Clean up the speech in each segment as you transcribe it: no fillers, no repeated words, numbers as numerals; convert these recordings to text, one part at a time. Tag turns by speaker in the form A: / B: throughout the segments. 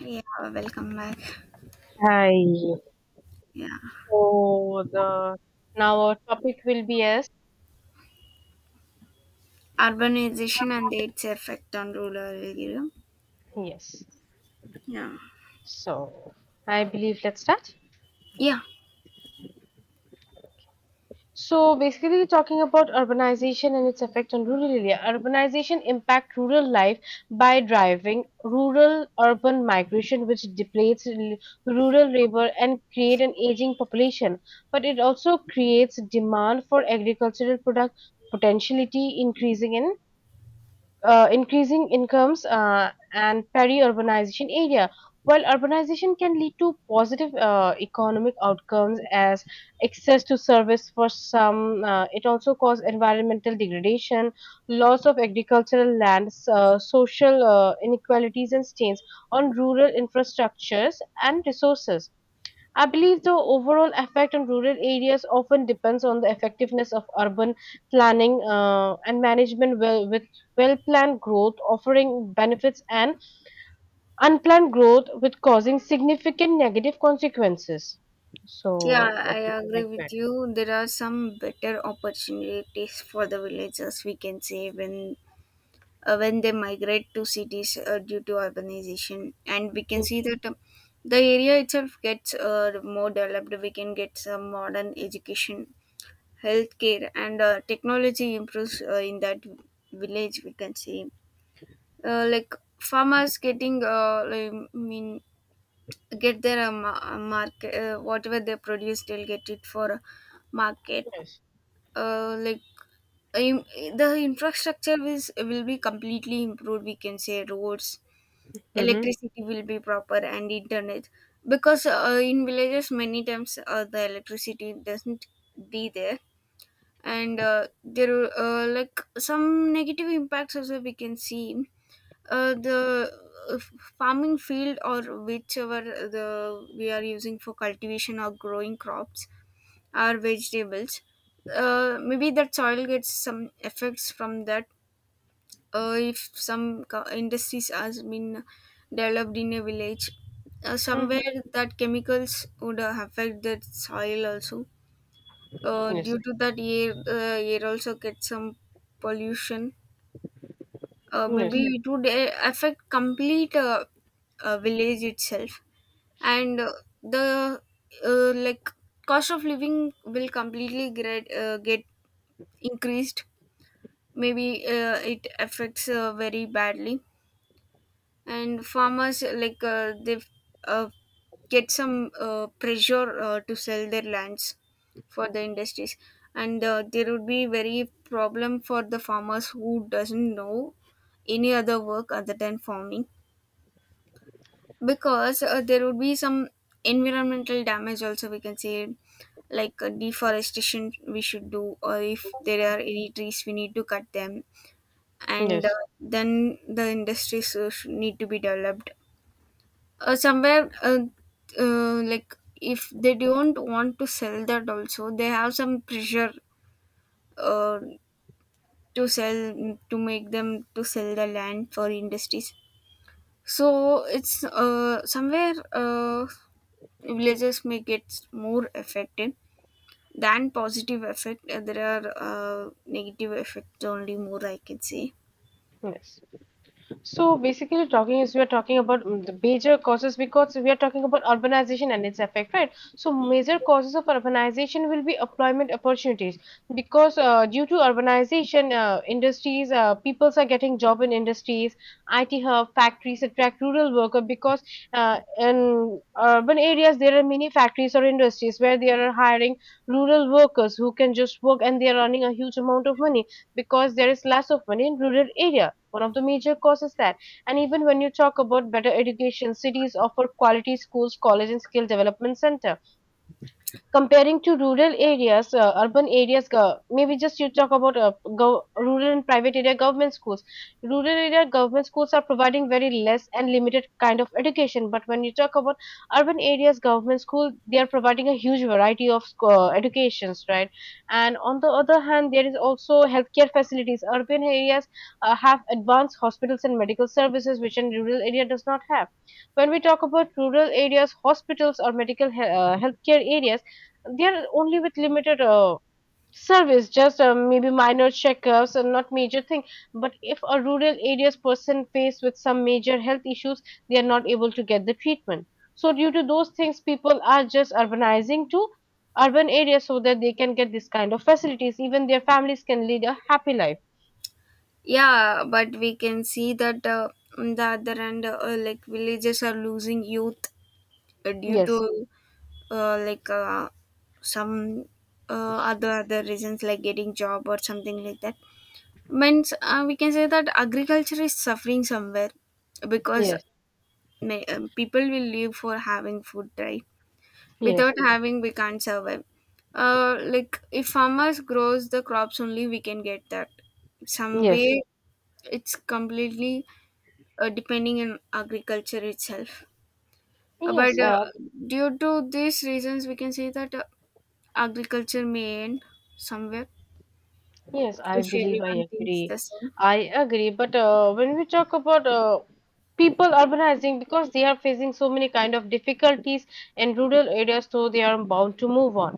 A: Yeah, welcome back.
B: Hi.
A: Yeah,
B: So the Now our topic will be as
A: urbanization and its effect on rural area.
B: yes.
A: Yeah,
B: So I believe let's start.
A: yeah,
B: So basically talking about urbanization and its effect on rural area. Urbanization impact rural life by driving rural urban migration which depletes rural labor and create an aging population. But it also creates demand for agricultural product potentiality increasing in increasing incomes and peri-urbanization area. While urbanization can lead to positive economic outcomes as access to service for some, it also causes environmental degradation, loss of agricultural lands, social inequalities and stains on rural infrastructures and resources. I believe the overall effect on rural areas often depends on the effectiveness of urban planning and management, well, with well planned growth offering benefits and unplanned growth with causing significant negative consequences.
A: yeah.
B: So, what
A: I
B: would you
A: agree
B: like to
A: with
B: add?
A: you. There are some better opportunities for the villagers. We can say when when they migrate to cities, due to urbanization, and we can
B: Mm,
A: see that. The area itself gets more developed. We can get some modern education, healthcare, and technology improves in that village. We can see like farmers getting like, I mean, get their market, whatever they produce, they'll get it for market.
B: yes.
A: uh, like im- the infrastructure is, will be completely improved. We can say roads,
B: Mm-hmm.
A: electricity will be proper, and internet, because in villages many times the electricity doesn't be there. And there, like some negative impacts also we can see. uh, the uh, f- farming field, or whichever the we are using for cultivation or growing crops or vegetables, maybe that soil gets some effects from that. If some industries has been developed in a village
B: Mm-hmm.
A: somewhere, that chemicals would affect the soil also,
B: Yes.
A: due to that air also gets some pollution. Maybe.
B: Yes.
A: Yeah, it would affect complete, village itself. And the, like cost of living will completely get increased. Maybe it affects very badly, and farmers, like, they uh, get some pressure to sell their lands for the industries. And there would be very problem for the farmers who doesn't know any other work other than farming, because there would be some environmental damage also, we can say, like deforestation we should do, or if there are any trees we need to cut them. And
B: Yes.
A: then the industries need to be developed somewhere, like if they don't want to sell that also, they have some pressure uh, to sell, to make them to sell the land for industries. So it's somewhere, villages may get more affected than positive effect. There are negative effects only more, I can say.
B: Yes. So basically, talking is we are talking about the major causes because we are talking about urbanization and its effect, right? So major causes of urbanization will be employment opportunities because due to urbanization, industries, peoples are getting job in industries. IT hub factories attract rural worker because in urban areas there are many factories or industries where they are hiring rural workers who can just work and they are earning a huge amount of money because there is less of money in rural area, one of the major causes that. And even when you talk about better education, cities offer quality schools, college, and skill development center comparing to rural areas, urban areas, maybe just you talk about rural and private area government schools. Rural area government schools are providing very less and limited kind of education. But when you talk about urban areas, government school, they are providing a huge variety of educations, right? And on the other hand, there is also healthcare facilities. Urban areas have advanced hospitals and medical services, which in rural area does not have. When we talk about rural areas, hospitals or medical healthcare areas, they're only with limited service, just maybe minor checkups and not major thing. But if a rural areas person faced with some major health issues, they are not able to get the treatment. So due to those things people are just urbanizing to urban areas so that they can get this kind of facilities, even their families can lead a happy life.
A: Yeah, but we can see that on the other end, like villages are losing youth due to
B: Yes.
A: like, some other reasons, like getting job or something like that. Means we can say that agriculture is suffering somewhere, because
B: Yes.
A: people will live for having food, right?
B: Yes.
A: Without having, we can't survive. Like, if farmers grows the crops, only we can get that some
B: Yes.
A: way. It's completely depending on agriculture itself. Uh, but
B: Yes.
A: uh, due to these reasons, we can say that agriculture may end somewhere,
B: Yes, I
A: if
B: believe I
A: everyone thinks the
B: agree.
A: same.
B: I agree, but when we talk about people urbanizing because they are facing so many kind of difficulties in rural areas, so they are bound to move on.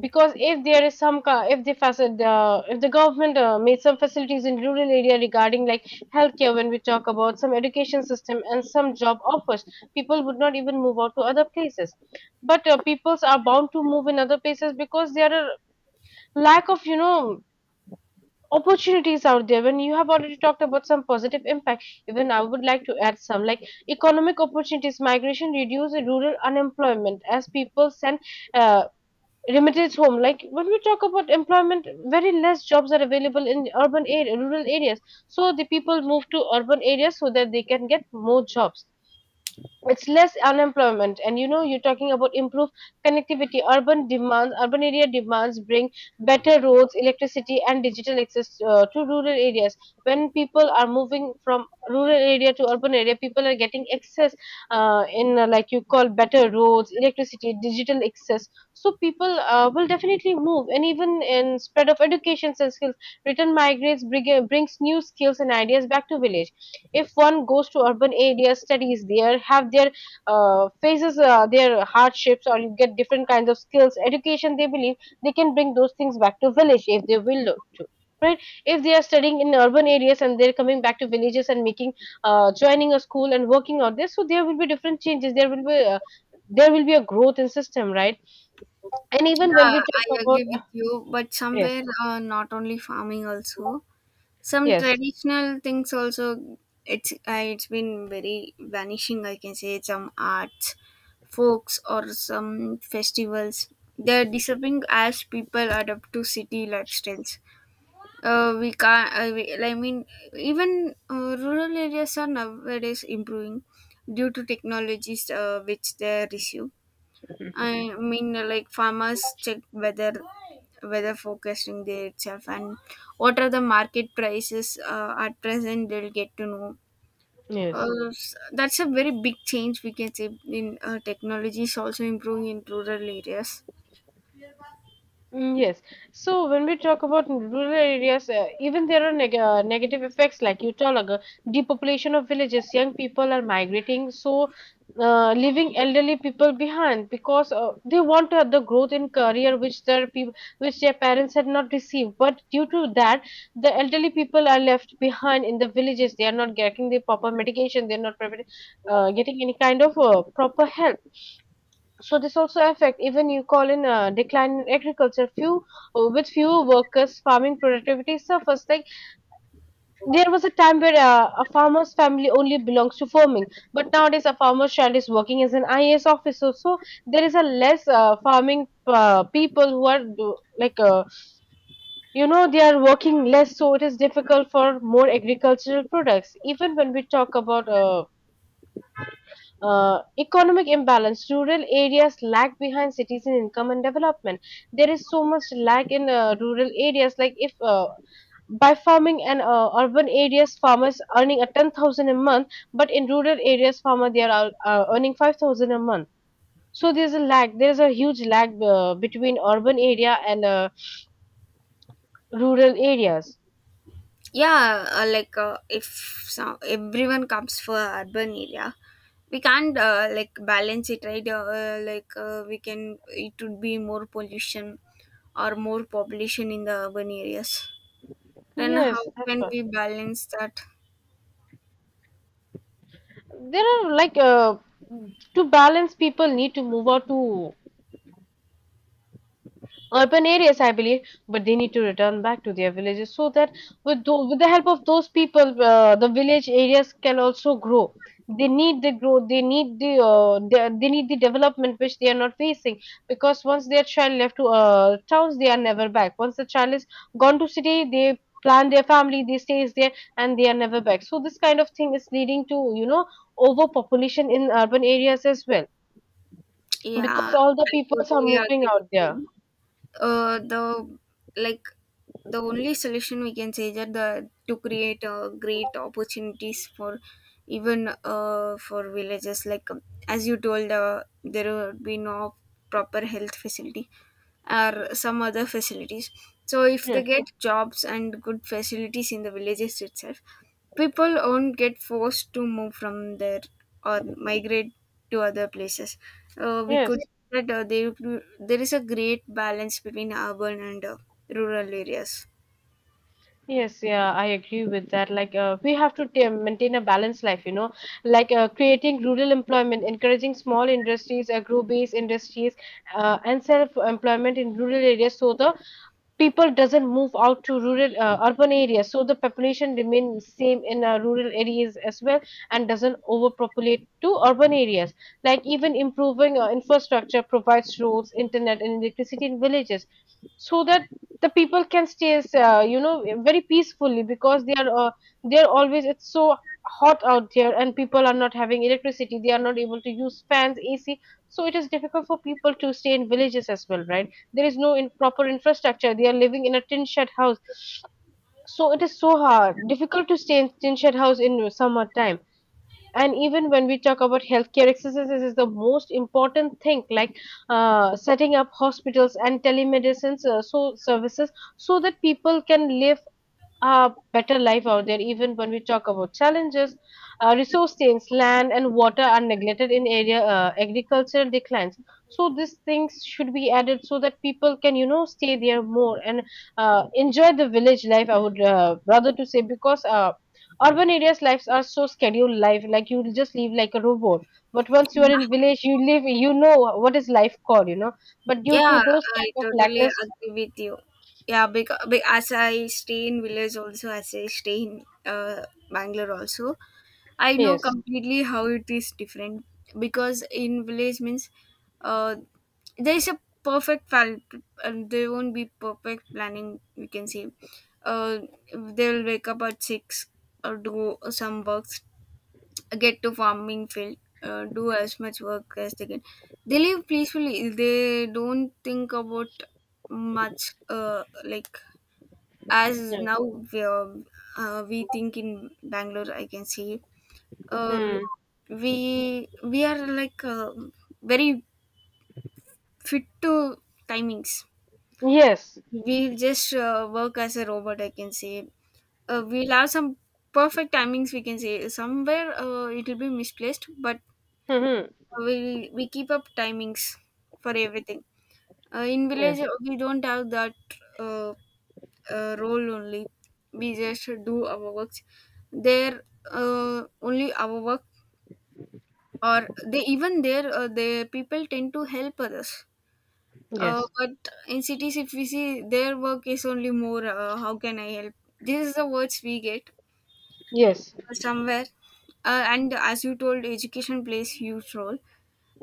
B: Because if there is some, if they facet, if the government made some facilities in rural area regarding like healthcare, when we talk about some education system and some job offers, people would not even move out to other places. But peoples are bound to move in other places because there are lack of, you know, opportunities out there. When you have already talked about some positive impact, even I would like to add some like economic opportunities migration reduce rural unemployment as people send uh, remittances home. Like when we talk about employment, very less jobs are available in urban area rural areas, so the people move to urban areas so that they can get more jobs. It's less unemployment. And you know you're talking about improved connectivity, urban demands, urban area demands bring better roads, electricity and digital access to rural areas. When people are moving from rural area to urban area, people are getting access in like you call, better roads, electricity, digital access. So people will definitely move. And even in spread of educations and skills, return migrants brings new skills and ideas back to village. If one goes to urban areas, studies there, have their faces their hardships, or you get different kinds of skills education, they believe they can bring those things back to village if they will look to, right? If they are studying in urban areas and they're coming back to villages and making joining a school and working on this, so there will be different changes, there will be a growth in system, right? And even when
A: Yeah,
B: we
A: I
B: talk
A: agree with
B: about
A: you, but
B: yes,
A: somewhere, not only farming, also some
B: yes,
A: traditional things also. It's been very vanishing, I can say. Some arts, folks, or some festivals, they're disappearing as people adapt to city lifestyles. We can't, we, I mean, even rural areas are nowadays improving due to technologies which they receive. I mean, like, farmers check whether forecasting their itself, and what are the market prices at present. They'll get to know.
B: yes.
A: That's a very big change, we can say. In technology is also improving in rural areas.
B: Mm, yes. So when we talk about rural areas, even there are negative effects, like you told, like, depopulation of villages. Young people are migrating, so leaving elderly people behind because they want to have the growth in career which their peop which their parents had not received. But due to that, the elderly people are left behind in the villages. They are not getting the proper medication. They are not proper, getting any kind of proper help. So this also affect, even you call in a decline in agriculture few with fewer workers, farming productivity suffers. Like there was a time where a farmer's family only belongs to farming, but nowadays a farmer's child is working as an IAS officer. So there is a less farming people who are you know they are working less, so it is difficult for more agricultural products. Even when we talk about economic imbalance. Rural areas lag behind cities in income and development. There is so much lag in rural areas. Like if by farming and urban areas, farmers earning a 10,000 a month, but in rural areas, farmer they are earning 5,000 a month. So there's a lag. There's a huge lag between urban area and rural areas.
A: Yeah, like, if some, everyone comes for urban area, we can't like balance it, right. Like, we can, it would be more pollution or more population in the urban areas. Then how
B: Yes, that's
A: can
B: what.
A: we balance that?
B: There are like to balance, people need to move out to urban areas, I believe, but they need to return back to their villages so that with the help of those people, the village areas can also grow. They need the growth, they need they need the development which they are not facing because once their child left to towns, they are never back. Once the child is gone to city, they plan their family, they stays there, and they are never back. So this kind of thing is leading to, you know, overpopulation in urban areas as well because
A: Yeah,
B: all the
A: I
B: peoples are
A: totally
B: moving
A: agree
B: out
A: with
B: there.
A: you. Uh, the like the only solution, we can say, that the, to create great opportunities for even for villages, like, as you told, there would be no proper health facility or some other facilities. So if they
B: Yes.
A: get jobs and good facilities in the villages itself, people won't get forced to move from there, or migrate to other places. We could
B: Yes.
A: that there there is a great balance between urban and, rural areas.
B: Yes, yeah, I agree with that. Like, we have to maintain a balanced life, you know, like creating rural employment, encouraging small industries, agro-based industries, and self-employment in rural areas, so the people doesn't move out to rural urban areas, so the population remains same in rural areas as well, and doesn't overpopulate to urban areas. Like even improving infrastructure provides roads, internet, and electricity in villages, so that the people can stay, you know, very peacefully, because they are always it's so hot out there and people are not having electricity. They are not able to use fans, AC, so it is difficult for people to stay in villages as well, right? There is no in proper infrastructure, they are living in a tin shed house, so it is so hard difficult to stay in tin shed house in summertime. And even when we talk about healthcare, exercises is the most important thing, like setting up hospitals and telemedicine so services so that people can live a better life out there. Even when we talk about challenges, resource chains, land and water are neglected in area, agricultural declines. So these things should be added so that people can, you know, stay there more and enjoy the village life. I would rather to say because. Urban areas lives are so scheduled life, like you will just live like a robot. But once you are in village, you live, you know what is life called, you know. But due to
A: Yeah,
B: those
A: I
B: kind of
A: totally
B: lackness,
A: agree with you. Yeah, because as I stay in village also, as I stay in Bangalore also, I know
B: yes,
A: completely how it is different. Because in village means, uh, there is a perfect plan, and there won't be perfect planning. We can say, uh, they'll wake up at 6, or do some works, get to farming field, do as much work as they can. They live peacefully. They don't think about much, like, as
B: hmm.
A: now we are, we think in Bangalore. I can see uh,
B: Hmm.
A: we are like, very fit to timings.
B: Yes,
A: We just work as a robot, I can say. We'll have some perfect timings. We can say somewhere it will be misplaced, but
B: hmm, hmm.
A: we keep up timings for everything. In village,
B: Yes,
A: we don't have that uh, role only. We just do our works. There, only our work, or they, even there, the people tend to help others. Uh,
B: yes,
A: but in cities, if we see, their work is only more. How can I help? This is the words we get
B: yes,
A: somewhere. And as you told, education plays huge role.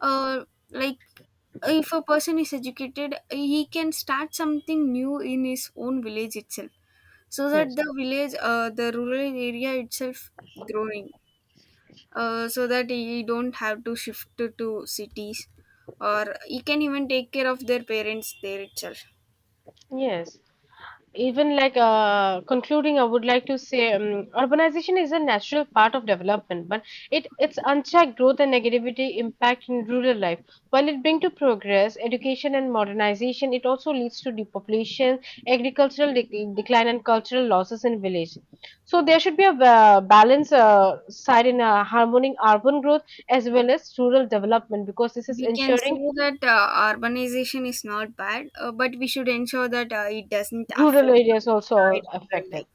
A: uh, like, if a person is educated, he can start something new in his own village itself, so that
B: yes,
A: the village, the rural area itself growing, so that he don't have to shift to cities, or he can even take care of their parents there itself.
B: yes. Even like concluding, I would like to say urbanization is a natural part of development, but it its unchecked growth and negativity impact in rural life. While it brings to progress, education and modernization, it also leads to depopulation, agricultural dec decline, and cultural losses in village. So there should be a balance side in harmony urban growth as well as rural development because this is
A: We can
B: ensuring
A: say that urbanization is not bad, but we should ensure that it doesn't
B: rural
A: affect or
B: areas
A: destroy
B: also
A: rural
B: affected.
A: life.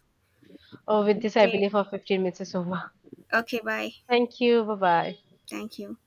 B: Oh, with this, I
A: Okay.
B: believe our 15 minutes is over.
A: Okay, bye.
B: Thank you. Bye bye.
A: Thank you.